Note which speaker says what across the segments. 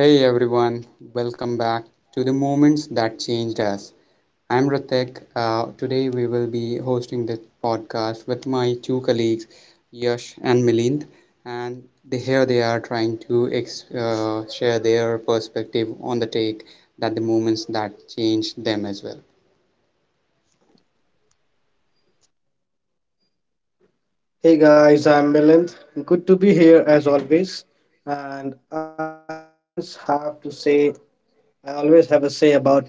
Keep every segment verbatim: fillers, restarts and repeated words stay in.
Speaker 1: Hey everyone, welcome back to the Moments That Changed Us. I'm Ratek. Uh, today we will be hosting the podcast with my two colleagues, Yash and Milind, and they, here they are trying to ex- uh, share their perspective on the take that the moments that changed them as well.
Speaker 2: Hey guys, I'm Milind. Good to be here as always. And I always have to say, I always have a say about my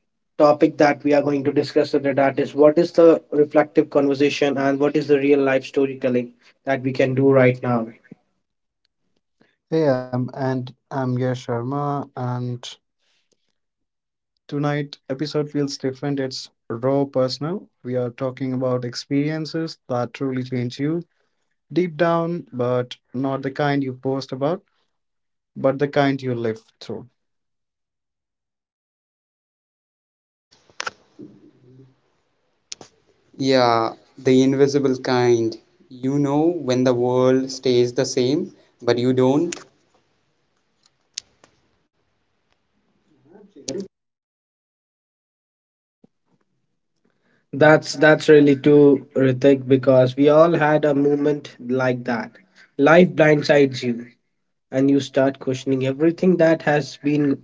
Speaker 2: topic that we are going to discuss today, that is, what is the reflective conversation and what is the real life storytelling that we can do right now.
Speaker 3: Hey, I'm and I'm Yash Sharma, and tonight episode feels different. It's raw personal. We are talking about experiences that truly change you deep down, but not the kind you post about, but the kind you live through.
Speaker 1: Yeah, the invisible kind. You know, when the world stays the same, but you don't.
Speaker 2: That's that's really too, Ritik, because we all had a moment like that. Life blindsides you and you start questioning everything that has been,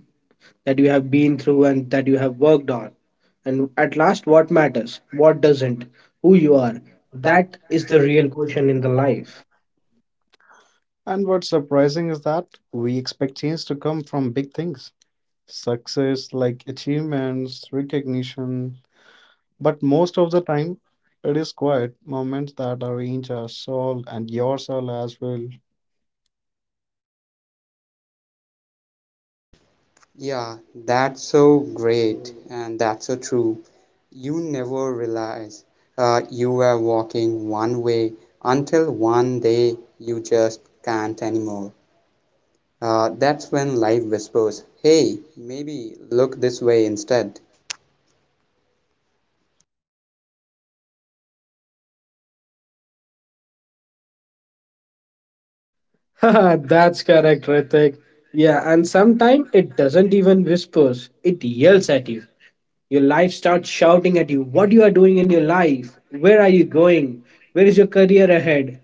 Speaker 2: that you have been through and that you have worked on. And at last, what matters, what doesn't, who you are.
Speaker 3: That
Speaker 2: That is
Speaker 3: is
Speaker 2: the
Speaker 3: the real
Speaker 2: real
Speaker 3: question
Speaker 2: question in
Speaker 3: in
Speaker 2: the
Speaker 3: the life.
Speaker 2: life.
Speaker 3: And what's surprising is that we expect change to come from big things, success like achievements, recognition, but most of the time, it is quiet moments that arrange our soul and your soul as well.
Speaker 1: Yeah, that's so great and that's so true. You never realize uh, you were walking one way until one day you just can't anymore. Uh, that's when life whispers, hey, maybe look this way instead.
Speaker 2: That's correct, Ritik. Yeah, and sometimes it doesn't even whispers, it yells at you. Your life starts shouting at you, what you are doing in your life, where are you going, where is your career ahead,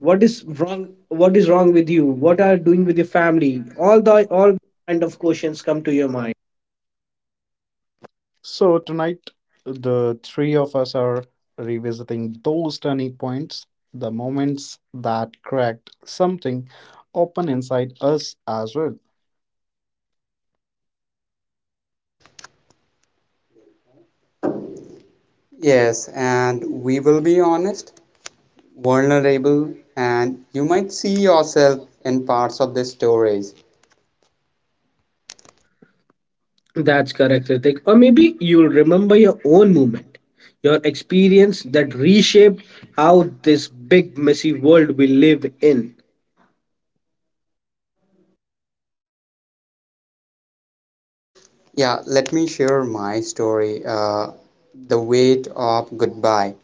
Speaker 2: what is wrong, what is wrong with you, what are you doing with your family. All the all kind of questions come to your mind.
Speaker 3: So tonight, the three of us are revisiting those turning points, the moments that cracked something open inside us as well.
Speaker 1: Yes, and we will be honest, vulnerable, and you might see yourself in parts of the stories.
Speaker 2: That's correct, Ritik. Or maybe you'll remember your own moment, your experience that reshaped how this big, messy world we live in.
Speaker 1: Yeah, let me share my story, uh, The Weight of Goodbye.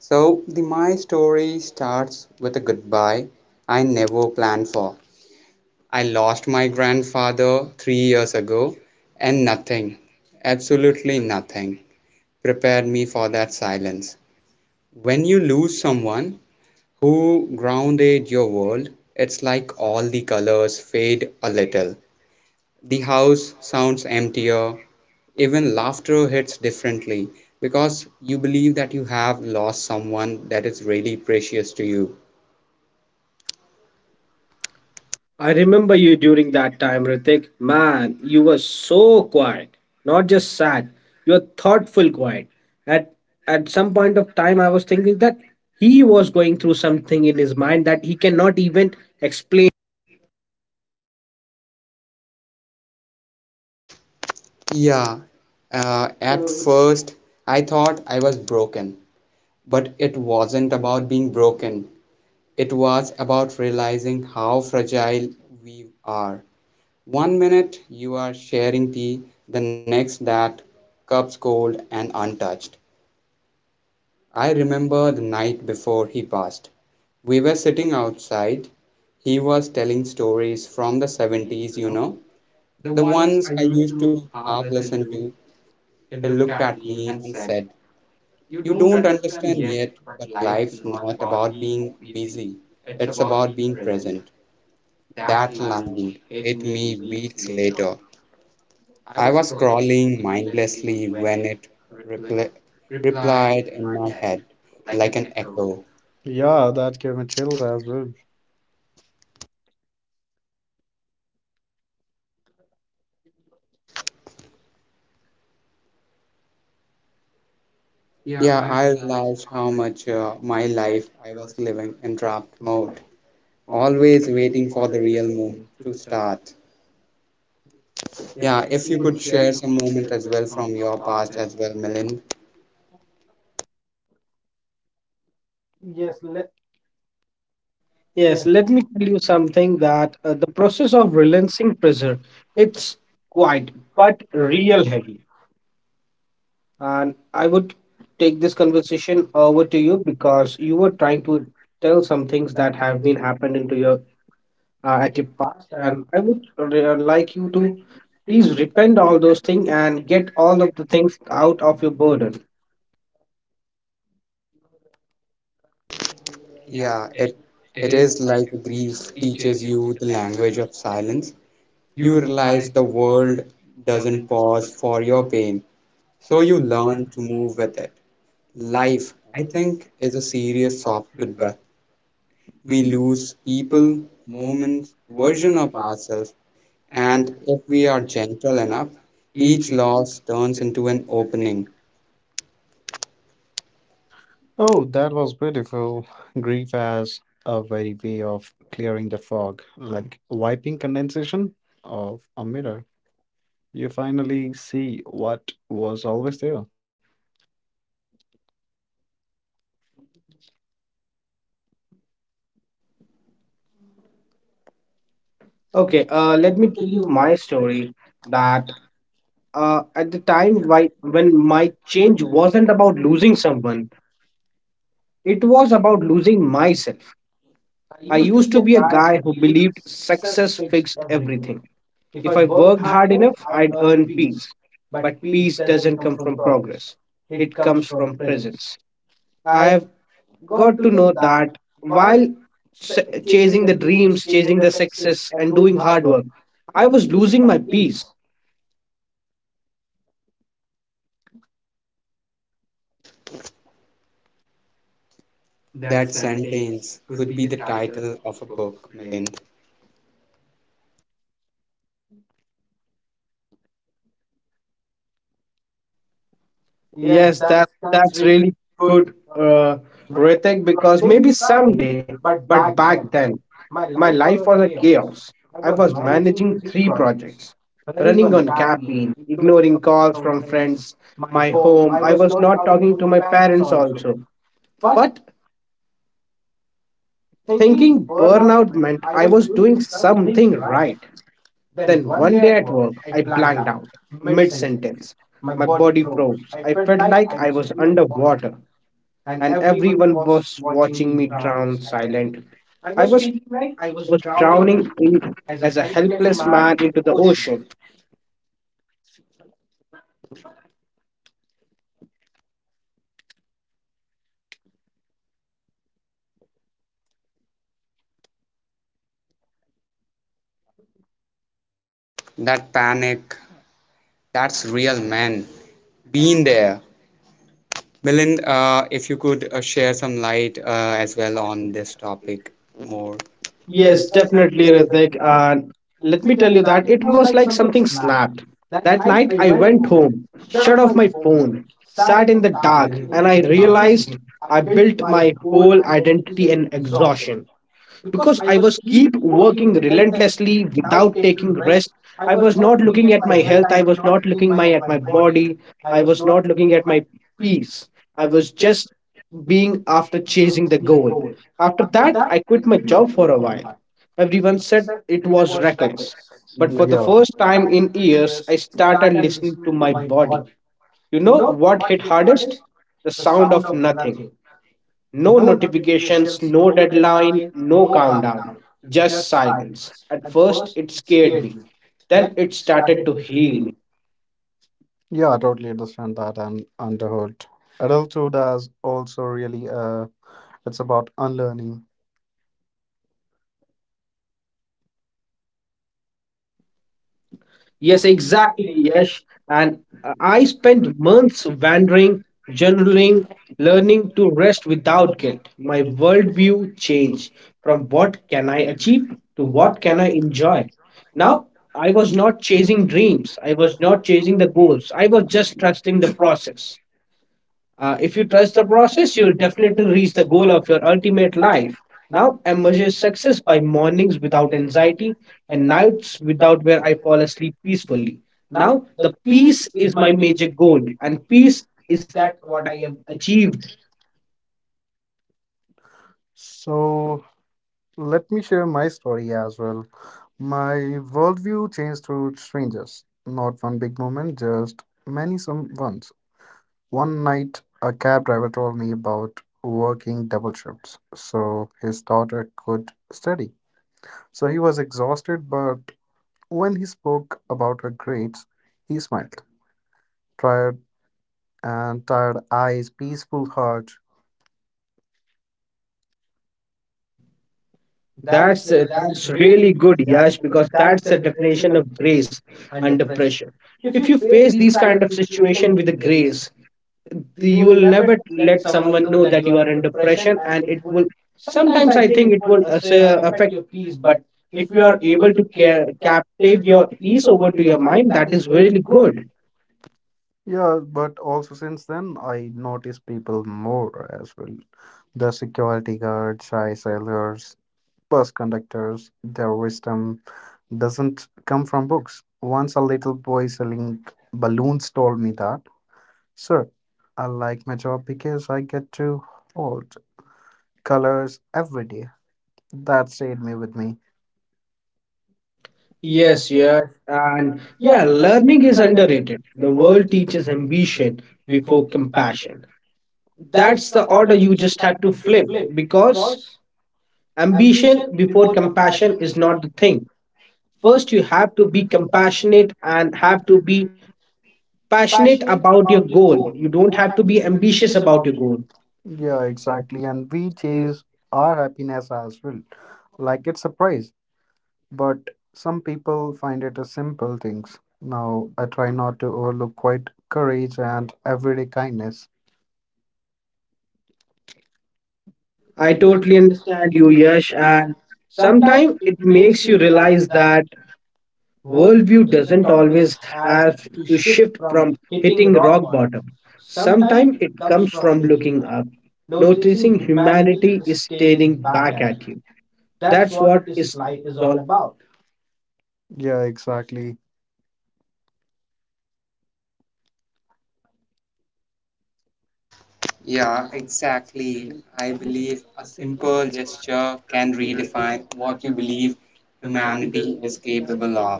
Speaker 1: So, the my story starts with a goodbye I never planned for. I lost my grandfather three years ago, and nothing, absolutely nothing, prepared me for that silence. When you lose someone who grounded your world, it's like all the colors fade a little. The house sounds emptier, even laughter hits differently because you believe that you have lost someone that is really precious to you.
Speaker 2: I remember you during that time, Ritik. Man, you were so quiet, not just sad, you were thoughtful quiet. At at some point of time, I was thinking that he was going through something in his mind that he cannot even explain.
Speaker 1: Yeah, uh, at Mm. first I thought I was broken, but it wasn't about being broken. It was about realizing how fragile we are. One minute you are sharing tea, the next that cup's cold and untouched. I remember the night before he passed. We were sitting outside. He was telling stories from the seventies, you know, the ones I used to half listen to. He looked at me and said, "You don't understand yet, but life's not about being busy. It's about being present." That line hit me weeks later. I was scrolling mindlessly when it repli- replied in my head like an echo.
Speaker 3: Yeah, that gave me chills as well.
Speaker 1: Yeah, I realized how much uh, my life I was living in draft mode, always waiting for the real moment to start. Yeah, if you could share some moment as well from your past as well, Milind.
Speaker 3: Yes, let yes,
Speaker 2: Yes,
Speaker 3: let
Speaker 2: let
Speaker 3: me
Speaker 2: me
Speaker 3: tell
Speaker 2: tell you
Speaker 3: you something
Speaker 2: something,
Speaker 3: that
Speaker 2: that uh,
Speaker 3: the
Speaker 2: the
Speaker 3: process
Speaker 2: process of
Speaker 3: of building free
Speaker 2: releasing pressure,
Speaker 3: pressure, it's
Speaker 2: it's quite
Speaker 3: quiet
Speaker 2: but
Speaker 3: but
Speaker 2: real
Speaker 3: real.
Speaker 2: heavy. And I
Speaker 3: Can you
Speaker 2: would
Speaker 3: take
Speaker 2: take this
Speaker 3: this conversation
Speaker 2: conversation over
Speaker 3: forward
Speaker 2: to you
Speaker 3: because
Speaker 2: because you
Speaker 3: you
Speaker 2: were
Speaker 3: were
Speaker 2: trying
Speaker 3: trying to
Speaker 2: to
Speaker 3: tell
Speaker 2: tell some
Speaker 3: some
Speaker 2: things
Speaker 3: things
Speaker 2: that
Speaker 3: that
Speaker 2: have
Speaker 3: have
Speaker 2: been
Speaker 3: been
Speaker 2: happened
Speaker 3: happening to
Speaker 2: into
Speaker 3: you
Speaker 2: your uh, at
Speaker 3: like
Speaker 2: your
Speaker 3: in
Speaker 2: past.
Speaker 3: past,
Speaker 2: And
Speaker 3: and
Speaker 2: I
Speaker 3: I
Speaker 2: would
Speaker 3: would
Speaker 2: re-
Speaker 3: really
Speaker 2: uh,
Speaker 3: advise
Speaker 2: like you
Speaker 3: you
Speaker 2: to
Speaker 3: to please
Speaker 2: please repent
Speaker 3: repent
Speaker 2: all
Speaker 3: on
Speaker 2: those
Speaker 3: those
Speaker 2: things
Speaker 3: things and
Speaker 2: and get
Speaker 3: get all
Speaker 2: all of
Speaker 3: the
Speaker 2: the things
Speaker 3: things
Speaker 2: out
Speaker 3: out
Speaker 2: of
Speaker 3: of
Speaker 2: your
Speaker 3: the
Speaker 2: burden.
Speaker 3: good.
Speaker 1: Yeah, it it is like grief teaches you the language of silence. You realize the world doesn't pause for your pain, so you learn to move with it. Life, I think, is a serious soft goodbye. We lose people, moments, version of ourselves, and if we are gentle enough, each loss turns into an opening.
Speaker 3: Oh, that was beautiful. Grief as a very way of clearing the fog, like wiping condensation of a mirror. You finally see what was always there.
Speaker 2: Okay,
Speaker 3: Okay, uh,
Speaker 2: uh, let
Speaker 3: let
Speaker 2: me
Speaker 3: me tell
Speaker 2: tell you
Speaker 3: you
Speaker 2: my
Speaker 3: my
Speaker 2: story
Speaker 3: story that
Speaker 2: that uh, at
Speaker 3: the
Speaker 2: the
Speaker 3: time
Speaker 2: time why,
Speaker 3: why-
Speaker 2: when
Speaker 3: when my
Speaker 2: my
Speaker 3: change
Speaker 2: change
Speaker 3: wasn't
Speaker 2: wasn't about
Speaker 3: about
Speaker 2: losing
Speaker 3: losing someone,
Speaker 2: someone,
Speaker 3: it
Speaker 2: it
Speaker 3: was
Speaker 2: was about
Speaker 3: about losing
Speaker 2: losing
Speaker 3: myself.
Speaker 2: myself. I
Speaker 3: I used
Speaker 2: used
Speaker 3: to
Speaker 2: to
Speaker 3: be
Speaker 2: be a
Speaker 3: a
Speaker 2: guy
Speaker 3: guy
Speaker 2: who
Speaker 3: who believed
Speaker 2: believed
Speaker 3: success
Speaker 2: success
Speaker 3: fixed
Speaker 2: fixed
Speaker 3: everything.
Speaker 2: everything.
Speaker 3: If
Speaker 2: If
Speaker 3: I
Speaker 2: I
Speaker 3: worked
Speaker 2: worked
Speaker 3: hard
Speaker 2: hard
Speaker 3: enough,
Speaker 2: enough,
Speaker 3: I'd
Speaker 2: I'd
Speaker 3: earn
Speaker 2: earn
Speaker 3: peace.
Speaker 2: peace.
Speaker 3: But
Speaker 2: But
Speaker 3: peace
Speaker 2: peace
Speaker 3: doesn't
Speaker 2: doesn't
Speaker 3: come
Speaker 2: come
Speaker 3: from
Speaker 2: from
Speaker 3: progress,
Speaker 2: progress,
Speaker 3: it
Speaker 2: it
Speaker 3: comes
Speaker 2: comes
Speaker 3: from
Speaker 2: from
Speaker 3: presence.
Speaker 2: presence. I
Speaker 3: I've
Speaker 2: have
Speaker 3: got
Speaker 2: got
Speaker 3: to
Speaker 2: to
Speaker 3: know
Speaker 2: know
Speaker 3: that
Speaker 2: that while
Speaker 3: while
Speaker 2: s-
Speaker 3: se- chasing
Speaker 2: chasing
Speaker 3: the
Speaker 2: the
Speaker 3: dreams,
Speaker 2: dreams,
Speaker 3: chasing
Speaker 2: chasing
Speaker 3: the
Speaker 2: the
Speaker 3: success,
Speaker 2: success,
Speaker 3: and
Speaker 2: and
Speaker 3: doing
Speaker 2: doing
Speaker 3: hard
Speaker 2: hard work,
Speaker 3: work, I
Speaker 2: I
Speaker 3: was
Speaker 2: was
Speaker 3: losing
Speaker 2: losing
Speaker 3: my
Speaker 2: my peace.
Speaker 3: peace.
Speaker 1: That sentence could be the title of a book, Milind.
Speaker 3: Yes,
Speaker 2: Yes, that
Speaker 3: that's that's
Speaker 2: that's
Speaker 3: really
Speaker 2: really
Speaker 3: good,
Speaker 2: good,
Speaker 3: uh,
Speaker 2: uh,
Speaker 3: writing
Speaker 2: Ritik,
Speaker 3: because
Speaker 2: because maybe
Speaker 3: maybe someday,
Speaker 2: someday,
Speaker 3: but
Speaker 2: but
Speaker 3: back
Speaker 2: back
Speaker 3: then,
Speaker 2: then,
Speaker 3: my
Speaker 2: my
Speaker 3: life
Speaker 2: life
Speaker 3: was
Speaker 2: was a
Speaker 3: a chaos.
Speaker 2: chaos.
Speaker 3: I
Speaker 2: I
Speaker 3: was
Speaker 2: was
Speaker 3: managing
Speaker 2: managing
Speaker 3: three
Speaker 2: three
Speaker 3: projects,
Speaker 2: projects,
Speaker 3: running
Speaker 2: running
Speaker 3: on
Speaker 2: on
Speaker 3: caffeine,
Speaker 2: caffeine,
Speaker 3: ignoring
Speaker 2: ignoring
Speaker 3: calls
Speaker 2: calls
Speaker 3: from
Speaker 2: from
Speaker 3: friends,
Speaker 2: friends,
Speaker 3: my
Speaker 2: my
Speaker 3: home.
Speaker 2: home.
Speaker 3: I
Speaker 2: I
Speaker 3: was
Speaker 2: was
Speaker 3: not
Speaker 2: not
Speaker 3: talking to
Speaker 2: talking to
Speaker 3: my
Speaker 2: my
Speaker 3: parents
Speaker 2: parents
Speaker 3: also,
Speaker 2: also.
Speaker 3: but
Speaker 2: But
Speaker 3: thinking
Speaker 2: thinking
Speaker 3: burnout
Speaker 2: burnout
Speaker 3: meant
Speaker 2: meant
Speaker 3: I
Speaker 2: I
Speaker 3: was
Speaker 2: was
Speaker 3: doing
Speaker 2: doing
Speaker 3: something
Speaker 2: something
Speaker 3: right.
Speaker 2: right.
Speaker 3: Then
Speaker 2: Then
Speaker 3: one
Speaker 2: one
Speaker 3: day
Speaker 2: day
Speaker 3: at
Speaker 2: at
Speaker 3: work,
Speaker 2: work,
Speaker 3: I
Speaker 2: I
Speaker 3: blanked
Speaker 2: blanked
Speaker 3: out
Speaker 2: out
Speaker 3: mid
Speaker 2: mid
Speaker 3: sentence.
Speaker 2: sentence.
Speaker 3: My
Speaker 2: My
Speaker 3: body
Speaker 2: body
Speaker 3: froze.
Speaker 2: froze.
Speaker 3: I
Speaker 2: I
Speaker 3: felt
Speaker 2: felt
Speaker 3: like
Speaker 2: like
Speaker 3: I
Speaker 2: I
Speaker 3: was
Speaker 2: was
Speaker 3: underwater,
Speaker 2: underwater,
Speaker 3: and
Speaker 2: and
Speaker 3: everyone
Speaker 2: everyone
Speaker 3: was
Speaker 2: was
Speaker 3: watching
Speaker 2: watching
Speaker 3: me
Speaker 2: me
Speaker 3: drown
Speaker 2: drown
Speaker 3: silently.
Speaker 2: silent.
Speaker 3: I
Speaker 2: I
Speaker 3: was
Speaker 2: was
Speaker 3: feeling like I was
Speaker 2: was
Speaker 3: drowning
Speaker 2: drowning in
Speaker 3: as a
Speaker 2: as a
Speaker 3: helpless
Speaker 2: helpless
Speaker 3: man
Speaker 2: man
Speaker 3: in
Speaker 2: into
Speaker 3: the
Speaker 2: the
Speaker 3: ocean.
Speaker 2: ocean.
Speaker 1: That panic, that's real, man. Been there. Milind, uh, if you could uh, share some light uh, as well on this topic more.
Speaker 2: Yes,
Speaker 3: Yes,
Speaker 2: definitely,
Speaker 3: definitely. Uh, that,
Speaker 2: Ritik.
Speaker 3: uh,
Speaker 2: And let
Speaker 3: let
Speaker 2: me
Speaker 3: me
Speaker 2: tell
Speaker 3: tell
Speaker 2: you
Speaker 3: you that
Speaker 2: that it
Speaker 3: it
Speaker 2: was
Speaker 3: was
Speaker 2: like
Speaker 3: like
Speaker 2: something
Speaker 3: something snapped.
Speaker 2: snapped.
Speaker 3: That
Speaker 2: That night,
Speaker 3: night I
Speaker 2: I went
Speaker 3: went home,
Speaker 2: home,
Speaker 3: shut
Speaker 2: shut
Speaker 3: off
Speaker 2: off
Speaker 3: my
Speaker 2: my
Speaker 3: phone,
Speaker 2: phone,
Speaker 3: sat
Speaker 2: sat
Speaker 3: in
Speaker 2: in
Speaker 3: the
Speaker 2: the
Speaker 3: dark,
Speaker 2: dark, and I
Speaker 3: I, likewise,
Speaker 2: realized
Speaker 3: I
Speaker 2: I
Speaker 3: built
Speaker 2: built
Speaker 3: my
Speaker 2: my
Speaker 3: whole
Speaker 2: whole
Speaker 3: identity
Speaker 2: identity in
Speaker 3: in exhaustion,
Speaker 2: exhaustion, because
Speaker 3: because I
Speaker 2: I was
Speaker 3: was
Speaker 2: keep
Speaker 3: keep
Speaker 2: working
Speaker 3: working
Speaker 2: relentlessly
Speaker 3: relentlessly without
Speaker 2: without taking
Speaker 3: taking
Speaker 2: rest.
Speaker 3: rest. I
Speaker 2: I was
Speaker 3: was
Speaker 2: not
Speaker 3: not looking
Speaker 2: looking at
Speaker 3: at
Speaker 2: my
Speaker 3: my
Speaker 2: health.
Speaker 3: health. I
Speaker 2: I was
Speaker 3: was not
Speaker 2: not
Speaker 3: looking
Speaker 2: looking my
Speaker 3: my at
Speaker 2: at
Speaker 3: my
Speaker 2: my
Speaker 3: body.
Speaker 2: body. I
Speaker 3: I
Speaker 2: was
Speaker 3: was
Speaker 2: not
Speaker 3: not
Speaker 2: looking
Speaker 3: looking at
Speaker 2: at my
Speaker 3: my peace.
Speaker 2: peace. I
Speaker 3: I was
Speaker 2: was
Speaker 3: just
Speaker 2: just
Speaker 3: being
Speaker 2: being after
Speaker 3: after
Speaker 2: chasing
Speaker 3: chasing
Speaker 2: the
Speaker 3: the
Speaker 2: goal.
Speaker 3: goal. After
Speaker 2: After
Speaker 3: that,
Speaker 2: that,
Speaker 3: I
Speaker 2: I quit
Speaker 3: quit
Speaker 2: my
Speaker 3: my
Speaker 2: job
Speaker 3: job for
Speaker 2: for
Speaker 3: a
Speaker 2: a
Speaker 3: while.
Speaker 2: while.
Speaker 3: My people
Speaker 2: Everyone
Speaker 3: said
Speaker 2: said it
Speaker 3: it
Speaker 2: was
Speaker 3: was
Speaker 2: reckless.
Speaker 3: reckless. But for
Speaker 2: But for Mhm. the
Speaker 3: yeah, the
Speaker 2: first
Speaker 3: first time
Speaker 2: time in
Speaker 3: in years,
Speaker 2: years, I
Speaker 3: I
Speaker 2: started
Speaker 3: started
Speaker 2: listening
Speaker 3: listening
Speaker 2: to
Speaker 3: to
Speaker 2: my
Speaker 3: my body.
Speaker 2: body. You
Speaker 3: You
Speaker 2: know
Speaker 3: know
Speaker 2: what
Speaker 3: what
Speaker 2: hit
Speaker 3: hit hardest?
Speaker 2: hardest? The
Speaker 3: The
Speaker 2: sound
Speaker 3: sound of
Speaker 2: of nothing,
Speaker 3: nothing. No
Speaker 2: no notifications,
Speaker 3: notifications,
Speaker 2: no
Speaker 3: no
Speaker 2: deadline,
Speaker 3: deadline,
Speaker 2: no
Speaker 3: no countdown,
Speaker 2: countdown, just
Speaker 3: just silence.
Speaker 2: silence. At
Speaker 3: At first,
Speaker 2: first, it
Speaker 3: it
Speaker 2: scared
Speaker 3: scared
Speaker 2: me.
Speaker 3: me.
Speaker 2: Then
Speaker 3: Then
Speaker 2: it
Speaker 3: it
Speaker 2: started
Speaker 3: started
Speaker 2: to
Speaker 3: to
Speaker 2: heal me.
Speaker 3: heal. Yeah, I totally understand that and underhood. Adulthood is also really uh it's about unlearning.
Speaker 2: Yes,
Speaker 3: Yes,
Speaker 2: exactly,
Speaker 3: exactly,
Speaker 2: Yes,
Speaker 3: Yash. And
Speaker 2: and uh, I
Speaker 3: I spent
Speaker 2: spent months
Speaker 3: months wandering,
Speaker 2: wandering,
Speaker 3: generally
Speaker 2: journaling,
Speaker 3: learning
Speaker 2: learning to
Speaker 3: to brush
Speaker 2: rest
Speaker 3: without
Speaker 2: without guilt. My
Speaker 3: I
Speaker 2: worldview
Speaker 3: gain
Speaker 2: changed
Speaker 3: from
Speaker 2: from
Speaker 3: what
Speaker 2: what can I
Speaker 3: I
Speaker 2: achieve
Speaker 3: achieve to
Speaker 2: to what
Speaker 3: what
Speaker 2: can
Speaker 3: can
Speaker 2: I
Speaker 3: I
Speaker 2: enjoy.
Speaker 3: enjoy. Now
Speaker 2: Now,
Speaker 3: I
Speaker 2: I was
Speaker 3: was
Speaker 2: not
Speaker 3: chasing
Speaker 2: chasing
Speaker 3: dreams.
Speaker 2: dreams, I
Speaker 3: I
Speaker 2: was
Speaker 3: was
Speaker 2: not
Speaker 3: not
Speaker 2: chasing
Speaker 3: chasing the
Speaker 2: the goals,
Speaker 3: goals.
Speaker 2: I
Speaker 3: I
Speaker 2: was
Speaker 3: was
Speaker 2: just
Speaker 3: just
Speaker 2: trusting
Speaker 3: trusting the
Speaker 2: the
Speaker 3: process.
Speaker 2: process.
Speaker 3: Uh,
Speaker 2: Uh, if
Speaker 3: if
Speaker 2: you
Speaker 3: you
Speaker 2: trust
Speaker 3: trust
Speaker 2: the
Speaker 3: the
Speaker 2: process,
Speaker 3: process,
Speaker 2: you
Speaker 3: you
Speaker 2: will
Speaker 3: will definitely
Speaker 2: definitely reach
Speaker 3: reach
Speaker 2: the
Speaker 3: the goal
Speaker 2: goal of
Speaker 3: of your
Speaker 2: your ultimate
Speaker 3: ultimate
Speaker 2: life.
Speaker 3: life.
Speaker 2: Now,
Speaker 3: Now,
Speaker 2: I
Speaker 3: I measure
Speaker 2: measure success
Speaker 3: success
Speaker 2: by
Speaker 3: by
Speaker 2: mornings
Speaker 3: mornings
Speaker 2: without
Speaker 3: without
Speaker 2: anxiety
Speaker 3: anxiety and
Speaker 2: and nights
Speaker 3: nights
Speaker 2: without
Speaker 3: without where
Speaker 2: where I
Speaker 3: I fall
Speaker 2: fall
Speaker 3: asleep
Speaker 2: asleep
Speaker 3: peacefully.
Speaker 2: peacefully. Now,
Speaker 3: Now, the
Speaker 2: the peace
Speaker 3: peace is
Speaker 2: is my
Speaker 3: my
Speaker 2: major
Speaker 3: major
Speaker 2: goal,
Speaker 3: goal, and
Speaker 2: and peace
Speaker 3: peace is
Speaker 2: is
Speaker 3: that what I have
Speaker 2: achieved.
Speaker 3: achieved. So let me share my story as well. My worldview changed through strangers, not one big moment, just many some ones. One night, a cab driver told me about working double shifts so his daughter could study. So he was exhausted, but when he spoke about her grades, he smiled. Tired and tired eyes, peaceful heart. That's
Speaker 2: That's uh,
Speaker 3: that's
Speaker 2: that's
Speaker 3: really
Speaker 2: really
Speaker 3: good,
Speaker 2: good,
Speaker 3: Yash,
Speaker 2: Yash, because
Speaker 3: because that's
Speaker 2: that's
Speaker 3: the
Speaker 2: the
Speaker 3: definition
Speaker 2: definition
Speaker 3: of
Speaker 2: of
Speaker 3: grace
Speaker 2: grace
Speaker 3: under
Speaker 2: under
Speaker 3: pressure.
Speaker 2: pressure.
Speaker 3: If
Speaker 2: If
Speaker 3: you
Speaker 2: you
Speaker 3: face
Speaker 2: face
Speaker 3: these
Speaker 2: these
Speaker 3: kind
Speaker 2: kind
Speaker 3: of
Speaker 2: of situation
Speaker 3: situations
Speaker 2: with a
Speaker 3: with grace,
Speaker 2: grace,
Speaker 3: so you
Speaker 2: you
Speaker 3: will
Speaker 2: will
Speaker 3: never
Speaker 2: never
Speaker 3: let
Speaker 2: let
Speaker 3: someone
Speaker 2: someone
Speaker 3: know
Speaker 2: know
Speaker 3: that
Speaker 2: that
Speaker 3: you
Speaker 2: you
Speaker 3: are
Speaker 2: are
Speaker 3: under
Speaker 2: under
Speaker 3: pressure,
Speaker 2: pressure,
Speaker 3: and
Speaker 2: and
Speaker 3: it
Speaker 2: it
Speaker 3: will
Speaker 2: will.
Speaker 3: sometimes
Speaker 2: Sometimes
Speaker 3: I
Speaker 2: I
Speaker 3: think
Speaker 2: think
Speaker 3: it
Speaker 2: it
Speaker 3: will
Speaker 2: will uh,
Speaker 3: as-
Speaker 2: say,
Speaker 3: uh,
Speaker 2: affect,
Speaker 3: affect your peace,
Speaker 2: but
Speaker 3: but
Speaker 2: if
Speaker 3: if you
Speaker 2: you
Speaker 3: are
Speaker 2: are
Speaker 3: able
Speaker 2: able
Speaker 3: to
Speaker 2: to ca-
Speaker 3: ca- captive
Speaker 2: captive
Speaker 3: your
Speaker 2: your
Speaker 3: peace
Speaker 2: peace
Speaker 3: over
Speaker 2: over
Speaker 3: to
Speaker 2: to
Speaker 3: your
Speaker 2: your
Speaker 3: mind,
Speaker 2: mind,
Speaker 3: that
Speaker 2: that
Speaker 3: is
Speaker 2: is
Speaker 3: very
Speaker 2: really
Speaker 3: good.
Speaker 2: good.
Speaker 3: Yeah, but also since then, I notice people more as well. The security guards, shy sellers, bus conductors, their wisdom doesn't come from books. Once a little boy selling balloons told me that. Sir, I like my job because I get to hold colors every day. That stayed me with me. Yes,
Speaker 2: Yes, yeah.
Speaker 3: yes.
Speaker 2: And
Speaker 3: Yeah,
Speaker 2: yeah, learning
Speaker 3: learning is
Speaker 2: is
Speaker 3: under
Speaker 2: underrated.
Speaker 3: the
Speaker 2: The
Speaker 3: world
Speaker 2: world teaches
Speaker 3: teaches ambition
Speaker 2: ambition
Speaker 3: before
Speaker 2: before
Speaker 3: compassion.
Speaker 2: compassion.
Speaker 3: That's
Speaker 2: That's
Speaker 3: the
Speaker 2: the
Speaker 3: order
Speaker 2: order
Speaker 3: you
Speaker 2: you
Speaker 3: just
Speaker 2: just
Speaker 3: have
Speaker 2: have to
Speaker 3: to
Speaker 2: flip,
Speaker 3: flip because
Speaker 2: because ambition
Speaker 3: ambition
Speaker 2: before
Speaker 3: before
Speaker 2: compassion
Speaker 3: compassion
Speaker 2: is
Speaker 3: is not
Speaker 2: not
Speaker 3: the
Speaker 2: the
Speaker 3: thing.
Speaker 2: thing.
Speaker 3: First,
Speaker 2: First, you
Speaker 3: you
Speaker 2: have
Speaker 3: have to
Speaker 2: to be
Speaker 3: be compassionate
Speaker 2: compassionate
Speaker 3: and
Speaker 2: and
Speaker 3: have
Speaker 2: have
Speaker 3: to
Speaker 2: to be
Speaker 3: be passionate
Speaker 2: passionate
Speaker 3: about
Speaker 2: about your
Speaker 3: your
Speaker 2: goal.
Speaker 3: goal.
Speaker 2: You
Speaker 3: You
Speaker 2: don't
Speaker 3: don't have
Speaker 2: have
Speaker 3: to
Speaker 2: to be
Speaker 3: be ambitious
Speaker 2: ambitious about
Speaker 3: about
Speaker 2: your
Speaker 3: your
Speaker 2: goal.
Speaker 3: goal.
Speaker 2: Yeah,
Speaker 3: Yeah,
Speaker 2: exactly.
Speaker 3: exactly. And we
Speaker 2: Yes,
Speaker 3: chase our happiness as well. Like it's a prize, but some people find it as simple things. Now, I try not to overlook quite courage and everyday kindness.
Speaker 2: I
Speaker 3: I totally
Speaker 2: totally understand
Speaker 3: understand you,
Speaker 2: you,
Speaker 3: Yash,
Speaker 2: Yash.
Speaker 3: and
Speaker 2: And
Speaker 3: sometimes
Speaker 2: sometimes it
Speaker 3: it makes
Speaker 2: makes
Speaker 3: you
Speaker 2: you
Speaker 3: realize
Speaker 2: realize that
Speaker 3: that worldview
Speaker 2: worldview
Speaker 3: doesn't
Speaker 2: doesn't
Speaker 3: always
Speaker 2: always
Speaker 3: have
Speaker 2: have
Speaker 3: to
Speaker 2: to
Speaker 3: shift
Speaker 2: shift
Speaker 3: from
Speaker 2: from
Speaker 3: hitting
Speaker 2: hitting
Speaker 3: rock
Speaker 2: rock
Speaker 3: bottom.
Speaker 2: bottom.
Speaker 3: Sometimes
Speaker 2: Sometimes
Speaker 3: it
Speaker 2: it
Speaker 3: comes
Speaker 2: comes
Speaker 3: from
Speaker 2: from
Speaker 3: looking
Speaker 2: looking
Speaker 3: up,
Speaker 2: up,
Speaker 3: noticing
Speaker 2: noticing
Speaker 3: humanity
Speaker 2: humanity
Speaker 3: is
Speaker 2: is
Speaker 3: staring
Speaker 2: staring
Speaker 3: back
Speaker 2: back
Speaker 3: at
Speaker 2: at
Speaker 3: you.
Speaker 2: you.
Speaker 3: That's
Speaker 2: That's
Speaker 3: what
Speaker 2: what
Speaker 3: this
Speaker 2: is
Speaker 3: life is all
Speaker 2: all.
Speaker 3: about. Yeah, exactly.
Speaker 1: Yeah, exactly. I believe a simple gesture can redefine what you believe humanity is capable of.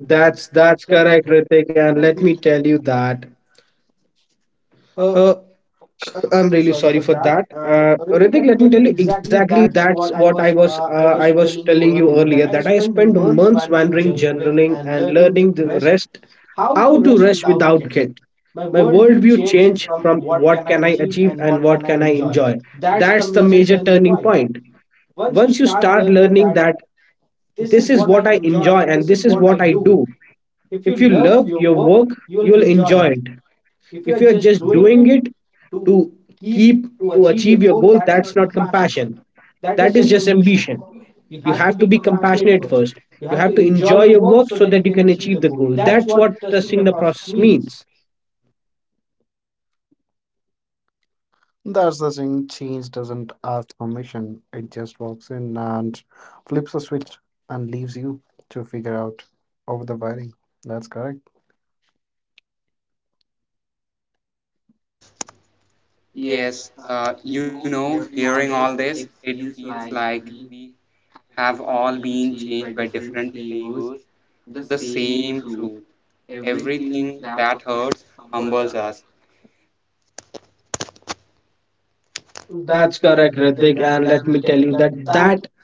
Speaker 3: That's
Speaker 2: That's
Speaker 3: that's
Speaker 2: that's
Speaker 3: correct.
Speaker 2: correct, Ritik. And
Speaker 3: Let
Speaker 2: let
Speaker 3: me
Speaker 2: me
Speaker 3: tell
Speaker 2: tell
Speaker 3: you
Speaker 2: you
Speaker 3: that.
Speaker 2: that
Speaker 3: Uh,
Speaker 2: uh,
Speaker 3: I'm
Speaker 2: I'm
Speaker 3: really
Speaker 2: really
Speaker 3: sorry
Speaker 2: sorry
Speaker 3: for
Speaker 2: for
Speaker 3: that.
Speaker 2: that.
Speaker 3: Uh,
Speaker 2: Uh,
Speaker 3: Ritik,
Speaker 2: Ritik,
Speaker 3: let me
Speaker 2: let me
Speaker 3: tell you
Speaker 2: tell you
Speaker 3: exactly
Speaker 2: exactly
Speaker 3: that's
Speaker 2: that's
Speaker 3: what I
Speaker 2: what I
Speaker 3: was
Speaker 2: was,
Speaker 3: uh,
Speaker 2: uh,
Speaker 3: I
Speaker 2: I
Speaker 3: was
Speaker 2: was
Speaker 3: telling
Speaker 2: telling
Speaker 3: you
Speaker 2: you
Speaker 3: earlier
Speaker 2: earlier,
Speaker 3: that I
Speaker 2: that I
Speaker 3: spent
Speaker 2: spent
Speaker 3: months
Speaker 2: months
Speaker 3: wandering,
Speaker 2: wandering,
Speaker 3: journaling,
Speaker 2: journaling,
Speaker 3: and
Speaker 2: and
Speaker 3: learning to
Speaker 2: learning the
Speaker 3: rest,
Speaker 2: rest,
Speaker 3: how
Speaker 2: how
Speaker 3: to
Speaker 2: to
Speaker 3: rest
Speaker 2: rest
Speaker 3: without
Speaker 2: without
Speaker 3: guilt.
Speaker 2: guilt.
Speaker 3: My
Speaker 2: My
Speaker 3: worldview
Speaker 2: worldview
Speaker 3: changed
Speaker 2: changed
Speaker 3: from
Speaker 2: from
Speaker 3: what
Speaker 2: what
Speaker 3: can I
Speaker 2: can I
Speaker 3: achieve
Speaker 2: achieve
Speaker 3: and
Speaker 2: and
Speaker 3: what
Speaker 2: what
Speaker 3: can I
Speaker 2: can I
Speaker 3: enjoy.
Speaker 2: enjoy.
Speaker 3: That's
Speaker 2: That's
Speaker 3: the
Speaker 2: the
Speaker 3: major
Speaker 2: major
Speaker 3: turning
Speaker 2: turning
Speaker 3: point.
Speaker 2: point.
Speaker 3: Once
Speaker 2: Once
Speaker 3: you
Speaker 2: you
Speaker 3: start
Speaker 2: start
Speaker 3: learning
Speaker 2: learning
Speaker 3: that
Speaker 2: that this
Speaker 3: this is
Speaker 2: is
Speaker 3: what
Speaker 2: what
Speaker 3: I
Speaker 2: I
Speaker 3: enjoy
Speaker 2: enjoy
Speaker 3: and
Speaker 2: and
Speaker 3: this
Speaker 2: this is
Speaker 3: is
Speaker 2: what
Speaker 3: what
Speaker 2: I
Speaker 3: I
Speaker 2: do,
Speaker 3: do, if
Speaker 2: if you
Speaker 3: you
Speaker 2: love
Speaker 3: love
Speaker 2: your
Speaker 3: your work,
Speaker 2: work, you'll
Speaker 3: you'll
Speaker 2: enjoy
Speaker 3: enjoy
Speaker 2: it.
Speaker 3: it.
Speaker 2: If
Speaker 3: If you
Speaker 2: you're
Speaker 3: are
Speaker 2: just
Speaker 3: just doing
Speaker 2: doing it
Speaker 3: it to
Speaker 2: to
Speaker 3: keep
Speaker 2: keep,
Speaker 3: to
Speaker 2: to achieve
Speaker 3: achieve your
Speaker 2: your goal,
Speaker 3: goal, that's
Speaker 2: that's
Speaker 3: not
Speaker 2: not
Speaker 3: compassion.
Speaker 2: compassion,
Speaker 3: That
Speaker 2: that
Speaker 3: is
Speaker 2: is
Speaker 3: just
Speaker 2: just
Speaker 3: ambition.
Speaker 2: ambition.
Speaker 3: You
Speaker 2: You
Speaker 3: have
Speaker 2: have
Speaker 3: to
Speaker 2: to
Speaker 3: be
Speaker 2: be
Speaker 3: compassionate
Speaker 2: compassionate
Speaker 3: first.
Speaker 2: first.
Speaker 3: You
Speaker 2: You
Speaker 3: have to
Speaker 2: have to
Speaker 3: enjoy
Speaker 2: enjoy
Speaker 3: your
Speaker 2: your
Speaker 3: work
Speaker 2: work
Speaker 3: so
Speaker 2: so
Speaker 3: that you
Speaker 2: that you
Speaker 3: can
Speaker 2: can
Speaker 3: achieve the
Speaker 2: achieve the
Speaker 3: goal.
Speaker 2: goal.
Speaker 3: That's
Speaker 2: That's
Speaker 3: what
Speaker 2: what
Speaker 3: trusting the
Speaker 2: trusting the
Speaker 3: process
Speaker 2: process
Speaker 3: means.
Speaker 2: means.
Speaker 3: That's the thing. Change doesn't ask permission. It just walks in and flips a switch and leaves you to figure out over the wiring. That's correct.
Speaker 1: Yes, uh, you know, hearing all this, it feels like we have all been changed by different flavors of the same truth. Everything that hurts humbles us.
Speaker 3: That's
Speaker 2: That's
Speaker 3: correct,
Speaker 2: correct,
Speaker 3: Ritik,
Speaker 2: Ritik,
Speaker 3: and
Speaker 2: and
Speaker 3: let
Speaker 2: let
Speaker 3: me
Speaker 2: me
Speaker 3: tell
Speaker 2: tell
Speaker 3: you
Speaker 2: you that
Speaker 3: that that
Speaker 2: that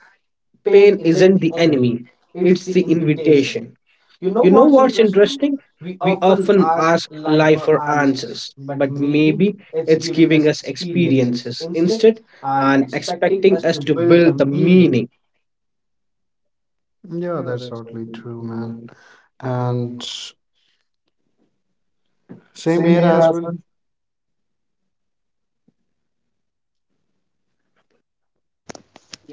Speaker 3: pain
Speaker 2: pain
Speaker 3: isn't
Speaker 2: isn't
Speaker 3: the
Speaker 2: the
Speaker 3: enemy,
Speaker 2: enemy,
Speaker 3: it's the
Speaker 2: it's the
Speaker 3: invitation.
Speaker 2: invitation.
Speaker 3: You
Speaker 2: You
Speaker 3: know
Speaker 2: know
Speaker 3: what's
Speaker 2: what's
Speaker 3: interesting?
Speaker 2: interesting?
Speaker 3: We
Speaker 2: We
Speaker 3: often
Speaker 2: often
Speaker 3: ask
Speaker 2: ask
Speaker 3: life
Speaker 2: life
Speaker 3: for
Speaker 2: for answers,
Speaker 3: answers, but
Speaker 2: but
Speaker 3: maybe
Speaker 2: maybe
Speaker 3: it's
Speaker 2: it's
Speaker 3: giving us
Speaker 2: giving us
Speaker 3: experiences
Speaker 2: experiences
Speaker 3: instead
Speaker 2: instead
Speaker 3: and
Speaker 2: and
Speaker 3: expecting
Speaker 2: expecting
Speaker 3: us to
Speaker 2: us to
Speaker 3: build the
Speaker 2: build the
Speaker 3: meaning.
Speaker 2: meaning.
Speaker 3: Yeah,
Speaker 2: Yeah,
Speaker 3: that's
Speaker 2: that's all
Speaker 3: totally
Speaker 2: good
Speaker 3: true, man.
Speaker 2: too.
Speaker 3: And
Speaker 2: Um,
Speaker 3: same here
Speaker 2: same here,
Speaker 3: as well.
Speaker 2: Arpan.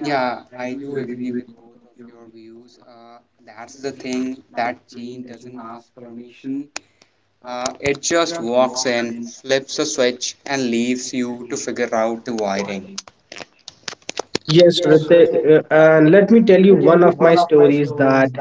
Speaker 1: Yeah,
Speaker 2: Yeah.
Speaker 1: I do agree with both of your views. Uh, that's the thing, that chain doesn't ask permission. Uh, it just walks in, flips a switch, and leaves you to figure out the wiring.
Speaker 3: Yes,
Speaker 2: Yes,
Speaker 3: Ritik,
Speaker 2: Ritik, uh,
Speaker 3: uh,
Speaker 2: and
Speaker 3: let me
Speaker 2: let me
Speaker 3: tell you
Speaker 2: tell you
Speaker 3: one of
Speaker 2: one
Speaker 3: my
Speaker 2: of my
Speaker 3: stories
Speaker 2: stories,
Speaker 3: that
Speaker 2: that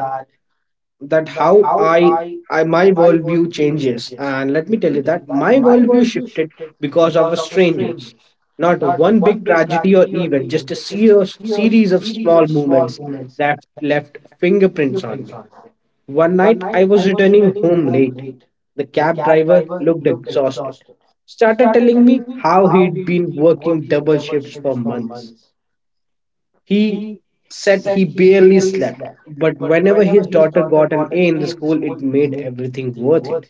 Speaker 3: that
Speaker 2: that
Speaker 3: how
Speaker 2: how
Speaker 3: I
Speaker 2: I, I
Speaker 3: my
Speaker 2: my
Speaker 3: worldview
Speaker 2: worldview
Speaker 3: changes.
Speaker 2: changes.
Speaker 3: And
Speaker 2: And
Speaker 3: let me
Speaker 2: let
Speaker 3: tell
Speaker 2: me
Speaker 3: you
Speaker 2: tell you
Speaker 3: that
Speaker 2: that
Speaker 3: my
Speaker 2: my
Speaker 3: worldview
Speaker 2: worldview
Speaker 3: shifted
Speaker 2: shifted
Speaker 3: because of
Speaker 2: because
Speaker 3: the
Speaker 2: of a
Speaker 3: strangers.
Speaker 2: strangers. Not
Speaker 3: Not one
Speaker 2: one
Speaker 3: big
Speaker 2: big
Speaker 3: tragedy
Speaker 2: tragedy
Speaker 3: or
Speaker 2: or
Speaker 3: event,
Speaker 2: event,
Speaker 3: just a
Speaker 2: just a
Speaker 3: serious
Speaker 2: serious,
Speaker 3: series
Speaker 2: series
Speaker 3: of
Speaker 2: of
Speaker 3: small
Speaker 2: small
Speaker 3: moments,
Speaker 2: moments that left
Speaker 3: fingerprints on
Speaker 2: fingerprints on
Speaker 3: it.
Speaker 2: me.
Speaker 3: One
Speaker 2: One
Speaker 3: night
Speaker 2: night
Speaker 3: I
Speaker 2: I
Speaker 3: was
Speaker 2: was
Speaker 3: returning
Speaker 2: returning
Speaker 3: home
Speaker 2: home
Speaker 3: late.
Speaker 2: late.
Speaker 3: The
Speaker 2: The
Speaker 3: cab
Speaker 2: cab
Speaker 3: driver
Speaker 2: driver
Speaker 3: looked
Speaker 2: looked
Speaker 3: exhausted.
Speaker 2: exhausted.
Speaker 3: Started
Speaker 2: Started
Speaker 3: telling
Speaker 2: telling
Speaker 3: me
Speaker 2: me
Speaker 3: how
Speaker 2: how
Speaker 3: he'd
Speaker 2: he'd
Speaker 3: been
Speaker 2: been
Speaker 3: working
Speaker 2: working
Speaker 3: double
Speaker 2: double
Speaker 3: shifts
Speaker 2: shifts
Speaker 3: for
Speaker 2: for
Speaker 3: months.
Speaker 2: months.
Speaker 3: He
Speaker 2: He
Speaker 3: said
Speaker 2: said
Speaker 3: he
Speaker 2: he
Speaker 3: barely
Speaker 2: barely
Speaker 3: slept,
Speaker 2: slept,
Speaker 3: but
Speaker 2: but
Speaker 3: whenever
Speaker 2: whenever
Speaker 3: his
Speaker 2: his
Speaker 3: daughter
Speaker 2: daughter
Speaker 3: got an
Speaker 2: got an
Speaker 3: A in
Speaker 2: A
Speaker 3: the
Speaker 2: in the
Speaker 3: school,
Speaker 2: school,
Speaker 3: it
Speaker 2: it
Speaker 3: made
Speaker 2: made
Speaker 3: everything
Speaker 2: everything
Speaker 3: worth it.
Speaker 2: worth it.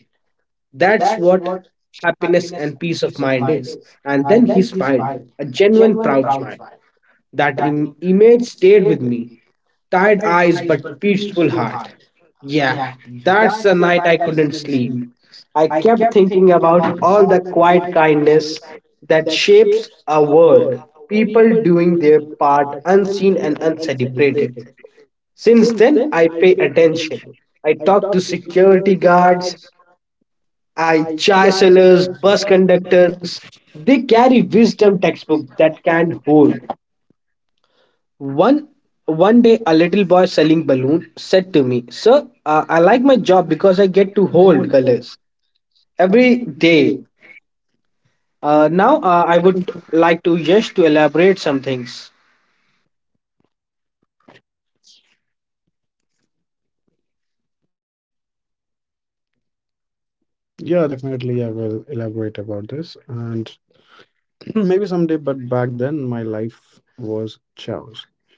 Speaker 3: That's
Speaker 2: That's
Speaker 3: what
Speaker 2: what
Speaker 3: happiness
Speaker 2: happiness
Speaker 3: and
Speaker 2: and
Speaker 3: peace
Speaker 2: peace
Speaker 3: of
Speaker 2: of
Speaker 3: mind
Speaker 2: mind
Speaker 3: is.
Speaker 2: is.
Speaker 3: And
Speaker 2: And
Speaker 3: then
Speaker 2: then
Speaker 3: he
Speaker 2: he
Speaker 3: smiled,
Speaker 2: smiled,
Speaker 3: a
Speaker 2: a
Speaker 3: genuine
Speaker 2: genuine
Speaker 3: proud
Speaker 2: proud
Speaker 3: smile
Speaker 2: smile.
Speaker 3: that
Speaker 2: That Im-
Speaker 3: ingredient
Speaker 2: image
Speaker 3: stayed
Speaker 2: stayed
Speaker 3: with
Speaker 2: with
Speaker 3: me.
Speaker 2: me.
Speaker 3: Tired
Speaker 2: Tired
Speaker 3: eyes
Speaker 2: eyes,
Speaker 3: but
Speaker 2: but
Speaker 3: peaceful
Speaker 2: peaceful
Speaker 3: heart.
Speaker 2: heart.
Speaker 3: Yeah,
Speaker 2: Yeah,
Speaker 3: that's the
Speaker 2: that's the
Speaker 3: night I
Speaker 2: night I
Speaker 3: couldn't
Speaker 2: couldn't
Speaker 3: sleep.
Speaker 2: sleep.
Speaker 3: I
Speaker 2: I
Speaker 3: kept
Speaker 2: kept
Speaker 3: thinking
Speaker 2: thinking
Speaker 3: about
Speaker 2: about
Speaker 3: all the
Speaker 2: all the
Speaker 3: quiet
Speaker 2: quiet
Speaker 3: kindness
Speaker 2: kindness
Speaker 3: that
Speaker 2: that
Speaker 3: shapes
Speaker 2: shapes
Speaker 3: a
Speaker 2: our
Speaker 3: world,
Speaker 2: world,
Speaker 3: people
Speaker 2: people
Speaker 3: doing
Speaker 2: doing
Speaker 3: their
Speaker 2: their
Speaker 3: part
Speaker 2: part
Speaker 3: unseen
Speaker 2: unseen
Speaker 3: and
Speaker 2: and
Speaker 3: uncelebrated.
Speaker 2: uncelebrated.
Speaker 3: Since
Speaker 2: Since
Speaker 3: then,
Speaker 2: then,
Speaker 3: I
Speaker 2: I
Speaker 3: pay
Speaker 2: pay
Speaker 3: attention.
Speaker 2: attention.
Speaker 3: I
Speaker 2: I
Speaker 3: talk
Speaker 2: talk
Speaker 3: to
Speaker 2: to
Speaker 3: security
Speaker 2: security
Speaker 3: guards,
Speaker 2: guards, I
Speaker 3: I
Speaker 2: chai sellers,
Speaker 3: chancellors,
Speaker 2: bus
Speaker 3: bus conductors.
Speaker 2: conductors. They
Speaker 3: They
Speaker 2: carry
Speaker 3: carry
Speaker 2: wisdom
Speaker 3: wisdom
Speaker 2: textbooks
Speaker 3: textbooks
Speaker 2: that
Speaker 3: that
Speaker 2: can
Speaker 3: can
Speaker 2: hold. One one day, a little boy selling balloon said to me, "Sir, uh, I like my job because I get to hold colors every
Speaker 3: every
Speaker 2: day.
Speaker 3: day.
Speaker 2: Uh,
Speaker 3: Uh,
Speaker 2: now,
Speaker 3: now,
Speaker 2: uh, I would like to just to elaborate some things."
Speaker 3: Yeah, definitely. I will elaborate about this. And maybe someday, but back then, my life was chaos.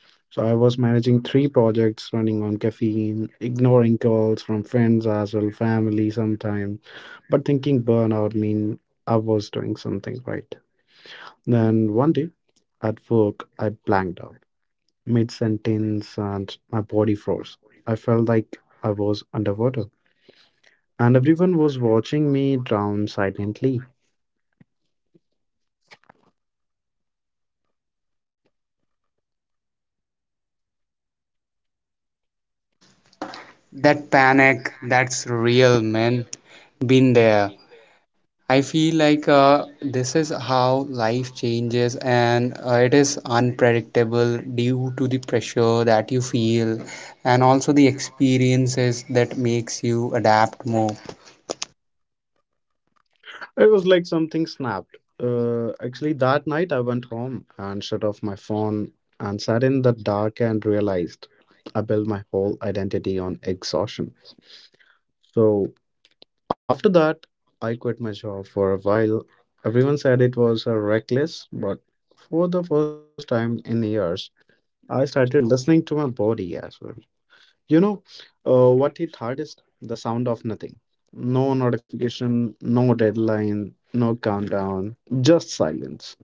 Speaker 3: So I was managing three projects, running on caffeine, ignoring calls from friends as well, family sometimes, but thinking burnout mean I was doing something right. Then one day at work, I blanked out mid sentence and my body froze. I felt like I was underwater. And everyone was watching me drown silently.
Speaker 1: That panic, that's real, man. Been there. I feel like uh, this is how life changes, and uh, it is unpredictable due to the pressure that you feel, and also the experiences that makes you adapt more.
Speaker 3: It was like something snapped. Uh, actually, that night I went home and shut off my phone and sat in the dark and realized I built my whole identity on exhaustion. So after that, I quit my job for a while. Everyone said it was uh, reckless, but for the first time in years, I started listening to my body as well. You know, uh, what hit hardest? The sound of nothing. No notification, no deadline, no countdown, just silence.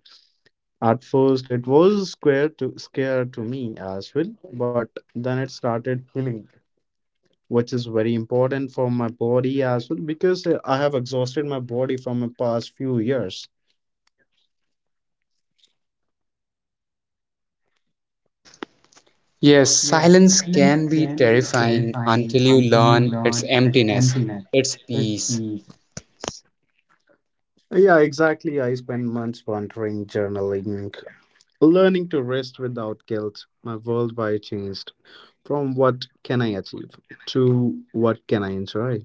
Speaker 3: At first, it was square to scare to me as well, but then it started healing, which is very important for my body as well because uh, I have exhausted my body from the past few years.
Speaker 1: Yes, silence can be terrifying until you learn its emptiness, its peace.
Speaker 3: Yeah, exactly. I spent months wandering, journaling, learning to rest without guilt, my worldview changed from what can I achieve to what can I enjoy.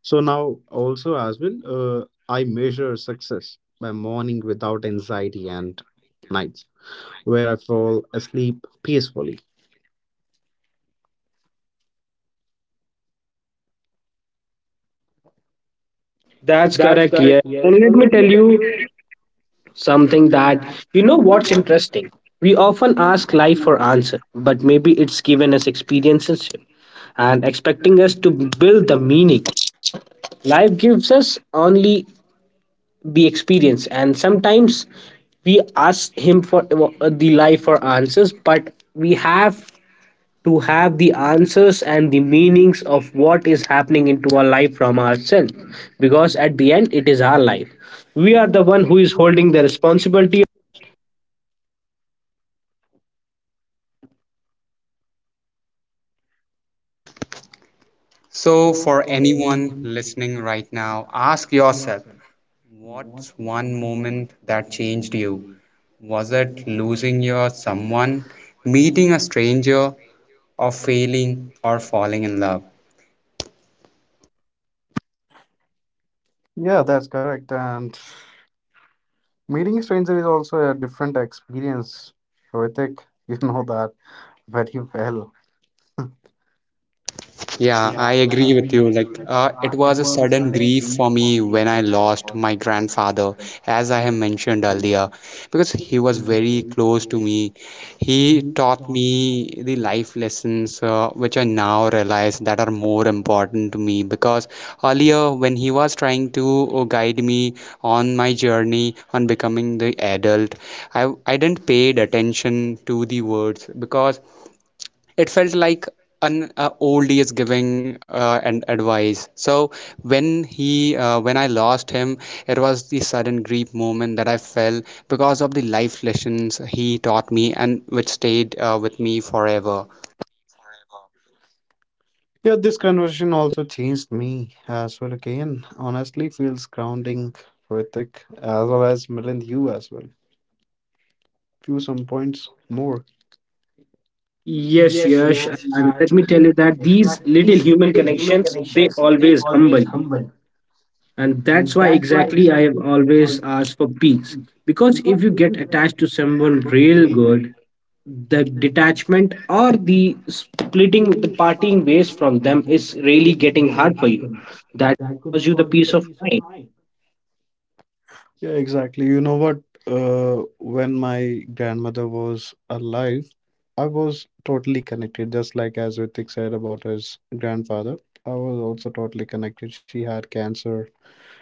Speaker 3: So now, also, as well, uh, I measure success by morning without anxiety and nights where I fall asleep peacefully.
Speaker 2: That's
Speaker 3: That's
Speaker 2: correct, yeah.
Speaker 3: correct,
Speaker 2: And
Speaker 3: yes.
Speaker 2: let
Speaker 3: And
Speaker 2: me
Speaker 3: let
Speaker 2: tell
Speaker 3: me tell
Speaker 2: you
Speaker 3: you
Speaker 2: something,
Speaker 3: something
Speaker 2: that
Speaker 3: that
Speaker 2: you know
Speaker 3: you know
Speaker 2: what's
Speaker 3: what's
Speaker 2: interesting.
Speaker 3: interesting.
Speaker 2: We
Speaker 3: We
Speaker 2: often
Speaker 3: often
Speaker 2: ask
Speaker 3: ask
Speaker 2: life
Speaker 3: like
Speaker 2: for answer, but maybe it's given us experiences and expecting us to
Speaker 3: technology to
Speaker 2: build the
Speaker 3: replace us,
Speaker 2: meaning. Life gives
Speaker 3: life
Speaker 2: us only the
Speaker 3: we
Speaker 2: experience,
Speaker 3: experience.
Speaker 2: and sometimes we ask him for, uh, the life for answers, but we have to have the answers and the meanings of what is happening into our life from ourselves, because at the end it is our life. We are the one who is holding the responsibility.
Speaker 1: So, for anyone listening right now, ask yourself, what's one moment that changed you? Was it losing your someone, meeting a stranger, or failing or falling in love?
Speaker 3: Yeah, that's correct. And meeting a stranger is also a different experience. Ritik, you know that very well.
Speaker 1: Yeah, I agree with you. Like, uh, it was a sudden grief for me when I lost my grandfather, as I have mentioned earlier, because he was very close to me. He taught me the life lessons, uh, which I now realize that are more important to me. Because earlier, when he was trying to uh, guide me on my journey on becoming the adult, I I didn't paid attention to the words because it felt like an uh, old is giving uh, an advice, so when he uh, when I lost him, it was the sudden grief moment that I felt because of the life lessons he taught me and which stayed uh, with me forever.
Speaker 3: Yeah, this conversation also changed me as well again. Honestly, feels grounding, Ritik, as well as Milind, you as well. Few some points more.
Speaker 2: Yes,
Speaker 3: Yes,
Speaker 2: yes,
Speaker 3: yes.
Speaker 2: and
Speaker 3: And
Speaker 2: let me tell
Speaker 3: let me
Speaker 2: you
Speaker 3: tell you
Speaker 2: that
Speaker 3: that
Speaker 2: these
Speaker 3: these
Speaker 2: little
Speaker 3: little
Speaker 2: human
Speaker 3: human
Speaker 2: connections, they
Speaker 3: connections, they
Speaker 2: always
Speaker 3: always
Speaker 2: humble you.
Speaker 3: humble.
Speaker 2: And
Speaker 3: And
Speaker 2: that's why
Speaker 3: that's why
Speaker 2: exactly I
Speaker 3: exactly
Speaker 2: have
Speaker 3: when you always
Speaker 2: always asked for peace.
Speaker 3: see.
Speaker 2: Because
Speaker 3: Because
Speaker 2: if you
Speaker 3: if you
Speaker 2: get
Speaker 3: get
Speaker 2: attached to someone
Speaker 3: someone
Speaker 2: real
Speaker 3: brain
Speaker 2: good, the
Speaker 3: dead, the
Speaker 2: detachment or the splitting, the
Speaker 3: splitting the
Speaker 2: parting
Speaker 3: parting
Speaker 2: ways
Speaker 3: ways
Speaker 2: from
Speaker 3: from
Speaker 2: them
Speaker 3: them
Speaker 2: is
Speaker 3: is
Speaker 2: really
Speaker 3: really
Speaker 2: getting
Speaker 3: getting
Speaker 2: hard for
Speaker 3: hard for
Speaker 2: you.
Speaker 3: you.
Speaker 2: That
Speaker 3: That could
Speaker 2: was you the
Speaker 3: cause you
Speaker 2: peace
Speaker 3: the
Speaker 2: of
Speaker 3: peace of
Speaker 2: mind.
Speaker 3: mind. Yeah, exactly. You know what? Uh, when my grandmother was alive, I was totally connected, just like as Ritik said about his grandfather. I was also totally connected. She had cancer,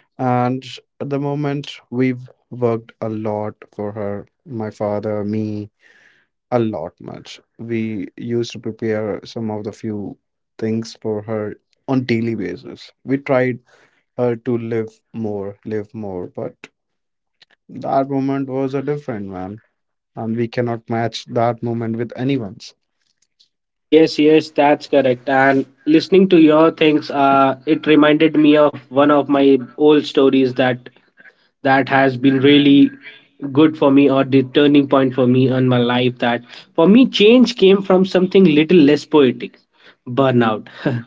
Speaker 3: and at the moment, we've worked a lot for her, my father, me, a lot much. We used to prepare some of the few things for her on daily basis. We tried her to live more, live more, but that moment was a different man, and we cannot match that moment with anyone's.
Speaker 2: Yes, yes, that's correct. And listening to your things, uh, it reminded me of one of my old stories, that that has been really good for me, or the turning point for me in my life. That for me, change came from something little less poetic, burnout.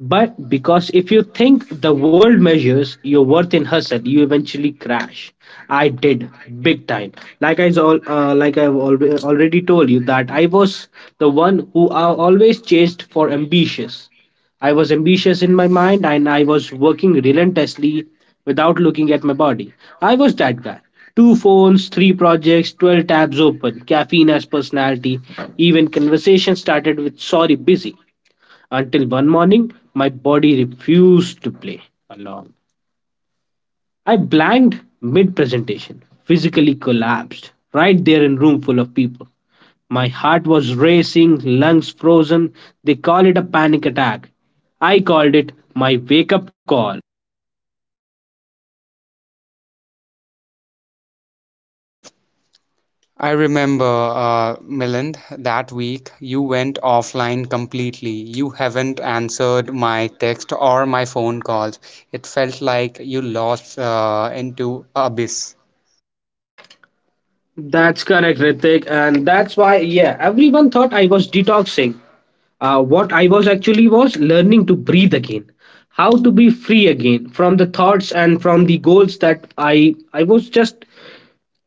Speaker 2: But because if you think the world measures your worth in hustle, you eventually crash. I did, big time. Like I all, uh, like I've alre- already told you, that I was the one who I always chased for ambitious. I was ambitious in my mind, and I was working relentlessly without looking at my body. I was that guy. Two phones, three projects, twelve tabs open, caffeine as personality. Even conversation started with sorry, busy, until one morning my body refused to play along. I blanked mid presentation, physically collapsed right there in room full of people. My heart was racing, lungs frozen. They call it a panic attack. I called it my wake up call.
Speaker 1: I remember, uh, Milind, that week you went offline completely. You haven't answered my text or my phone calls. It felt like you lost uh, into abyss.
Speaker 2: That's correct, Ritik. And that's why, yeah, everyone thought I was detoxing. Uh, what I was actually was learning to breathe again, how to be free again from the thoughts and from the goals, that I I was just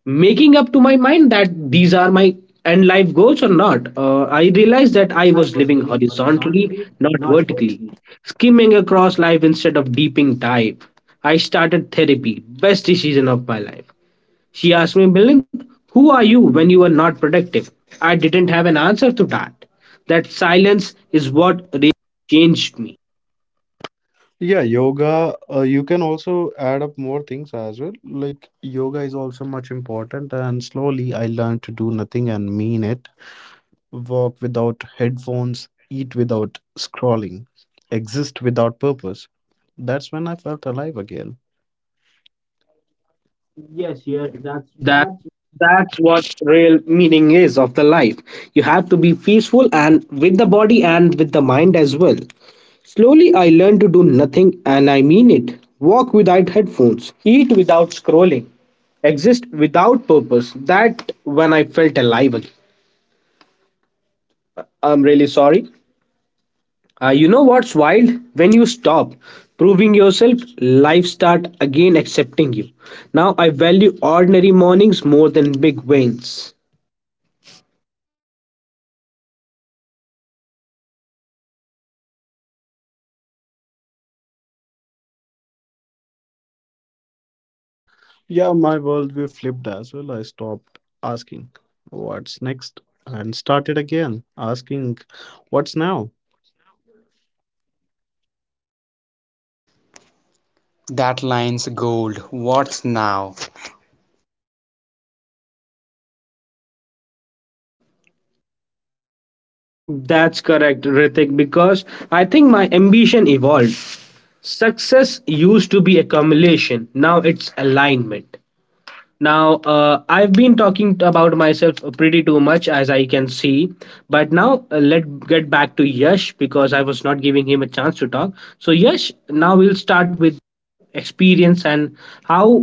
Speaker 2: making up to my mind that these are my end life goals or not. Uh, I realized that
Speaker 3: That
Speaker 2: I
Speaker 3: I
Speaker 2: was
Speaker 3: was
Speaker 2: living
Speaker 3: living
Speaker 2: horizontally,
Speaker 3: horizontally,
Speaker 2: not
Speaker 3: not
Speaker 2: vertically,
Speaker 3: vertically.
Speaker 2: skimming across life instead of deeping dive. I started therapy, best decision of my life. She asked me, Milind, who are you when you are not productive? I didn't have an answer to that. That silence is what really changed me.
Speaker 3: Yeah, yoga, uh, you can also add up more things as well. Like, yoga is also much important, and slowly I learned to do nothing and mean it. Walk without headphones, eat without scrolling, exist without purpose. That's when I felt alive again. Yes, yes, that's
Speaker 2: Yes, yes,
Speaker 3: that's
Speaker 2: that that's what real meaning is of the life. You have to be peaceful and with the body and with the mind as well. Slowly I learned to do nothing and I mean it. Walk without headphones, eat without scrolling, exist without purpose. That when I felt alive again. I'm really sorry. Uh, you know what's wild? When you stop proving yourself, life start again accepting you. Now I value ordinary mornings more than big wins.
Speaker 3: Yeah, my worldview flipped as well. I stopped asking what's next and started again asking what's now.
Speaker 1: That line's gold. What's now?
Speaker 2: That's correct, Ritik, because I think my ambition evolved. Success used to be accumulation, now it's alignment. Now, uh, I've been talking about myself pretty too much, as I can see. But now, uh, let's get back to Yash because I was not giving him a chance to talk. So, Yash, now we'll start with experience and how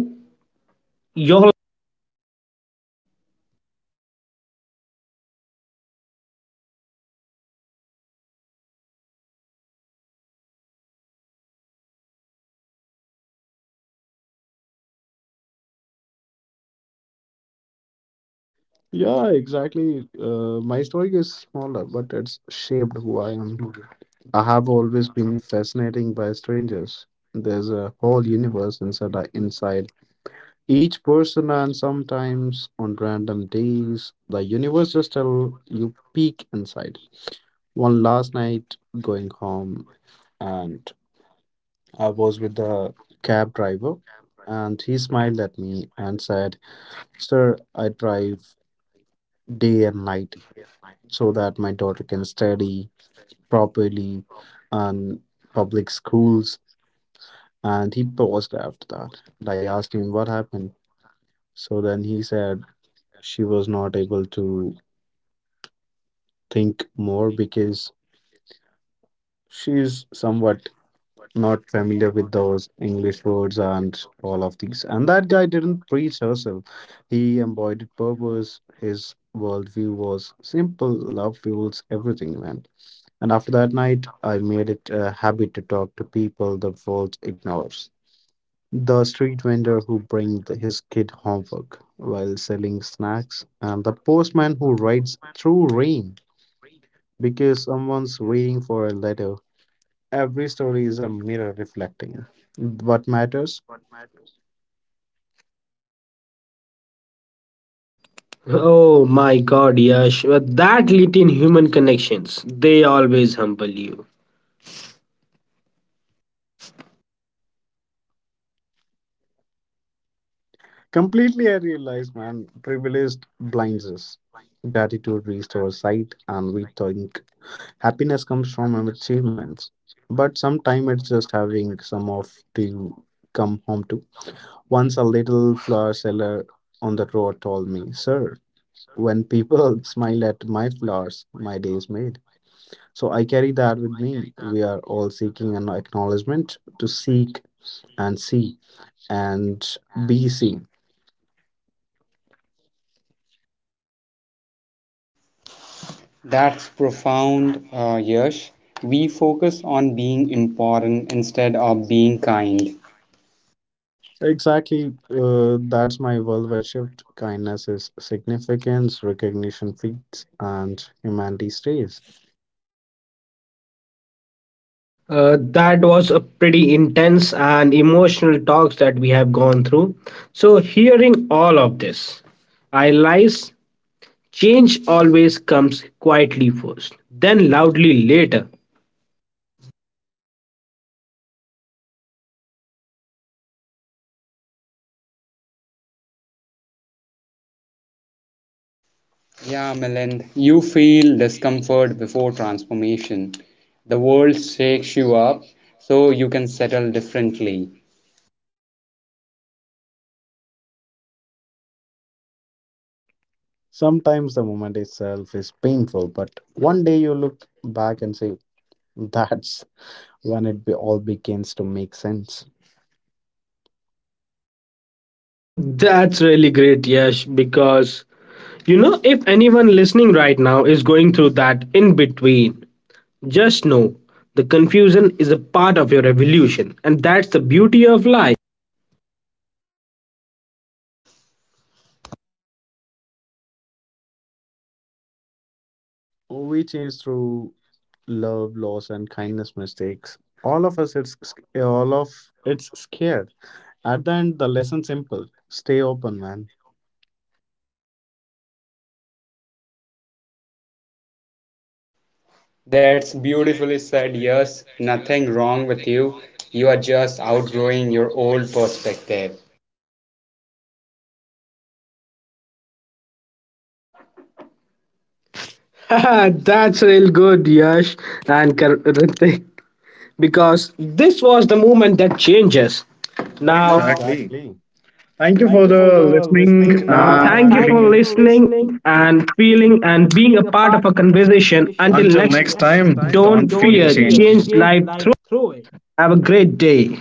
Speaker 2: your.
Speaker 3: Yeah, exactly. Uh, my story is smaller, but it's shaped who I am now. I have always been fascinating by strangers. There's a whole universe inside inside each person, and sometimes on random days, the universe just tell you peek inside. One last night going home, and I was with the cab driver, and he smiled at me and said, "Sir, I drive day and night so that my daughter can study properly on public schools." And he paused after that. And I asked him what happened. So then he said she was not able to think more because she's somewhat not familiar with those English words and all of these. And that guy didn't preach hustle. He embodied purpose. His worldview was simple. Love fuels everything, man. And after that night, I made it a habit to talk to people the world ignores. The street vendor who brings his kid homework while selling snacks, and the postman who rides through rain because someone's waiting for a letter, every story is a mirror reflecting what matters.
Speaker 2: Oh my God, Yash! uh, That lit in human connections, they always humble you.
Speaker 3: Completely, I realize, man, privilege blinds us. Gratitude restores sight, and we think happiness comes from our achievements. But sometimes it's just having some of to come home to. Once a little flower seller on the road told me, "Sir, when people smile at my flowers, my day is made." So I carry that with me. We are all seeking an acknowledgement to seek and C and B C.
Speaker 1: That's profound, uh, Yash. We focus on being important instead of being kind.
Speaker 3: Exactly. Uh, that's my worldwide shift. Kindness is significance, recognition feeds, and humanity stays.
Speaker 2: Uh, that was a pretty intense and emotional talks that we have gone through. So, hearing all of this, I realize change always comes quietly first, then loudly later.
Speaker 1: Yeah, Milind, you feel discomfort before transformation. The world shakes you up so you can settle differently.
Speaker 3: Sometimes the moment itself is painful, but one day you look back and say, that's when it be- all begins to make sense.
Speaker 2: That's really great, Yash, because you know, if anyone listening right now is going through that in between, just know the confusion is a part of your evolution, and that's the beauty of life.
Speaker 3: We change through love, loss, and kindness mistakes. All of us, it's all of it's scared. At the end, the lesson simple: stay open, man.
Speaker 1: That's beautifully said. Yes, nothing wrong with you. You are just outgrowing your old perspective.
Speaker 2: That's real good, Yash and Kar- Ritik, because this was the moment that changes. Now, exactly.
Speaker 3: Exactly.
Speaker 2: Thank you
Speaker 3: Thank you
Speaker 2: for
Speaker 3: for
Speaker 2: the
Speaker 3: the
Speaker 1: Listen,
Speaker 2: listening.
Speaker 3: listening
Speaker 1: now
Speaker 3: now,
Speaker 2: Now, and
Speaker 3: and
Speaker 2: thank you for
Speaker 3: thank you feeling-
Speaker 2: feeling,
Speaker 3: for
Speaker 2: listening
Speaker 3: listening
Speaker 2: and
Speaker 3: and
Speaker 2: feeling
Speaker 3: feeling
Speaker 2: and
Speaker 3: and
Speaker 2: being a
Speaker 3: being a
Speaker 2: part of
Speaker 3: part
Speaker 2: a
Speaker 3: of a
Speaker 2: conversation.
Speaker 3: conversation.
Speaker 2: Until
Speaker 3: Until
Speaker 2: Until
Speaker 3: Until
Speaker 2: next,
Speaker 3: next,
Speaker 2: next
Speaker 3: next
Speaker 2: time,
Speaker 3: time,
Speaker 2: don't
Speaker 3: don't
Speaker 2: don't
Speaker 3: don't
Speaker 2: fear fear,
Speaker 3: fear,
Speaker 2: change, change
Speaker 3: change
Speaker 2: life
Speaker 3: life
Speaker 2: through.
Speaker 3: through it.
Speaker 2: Have a great day.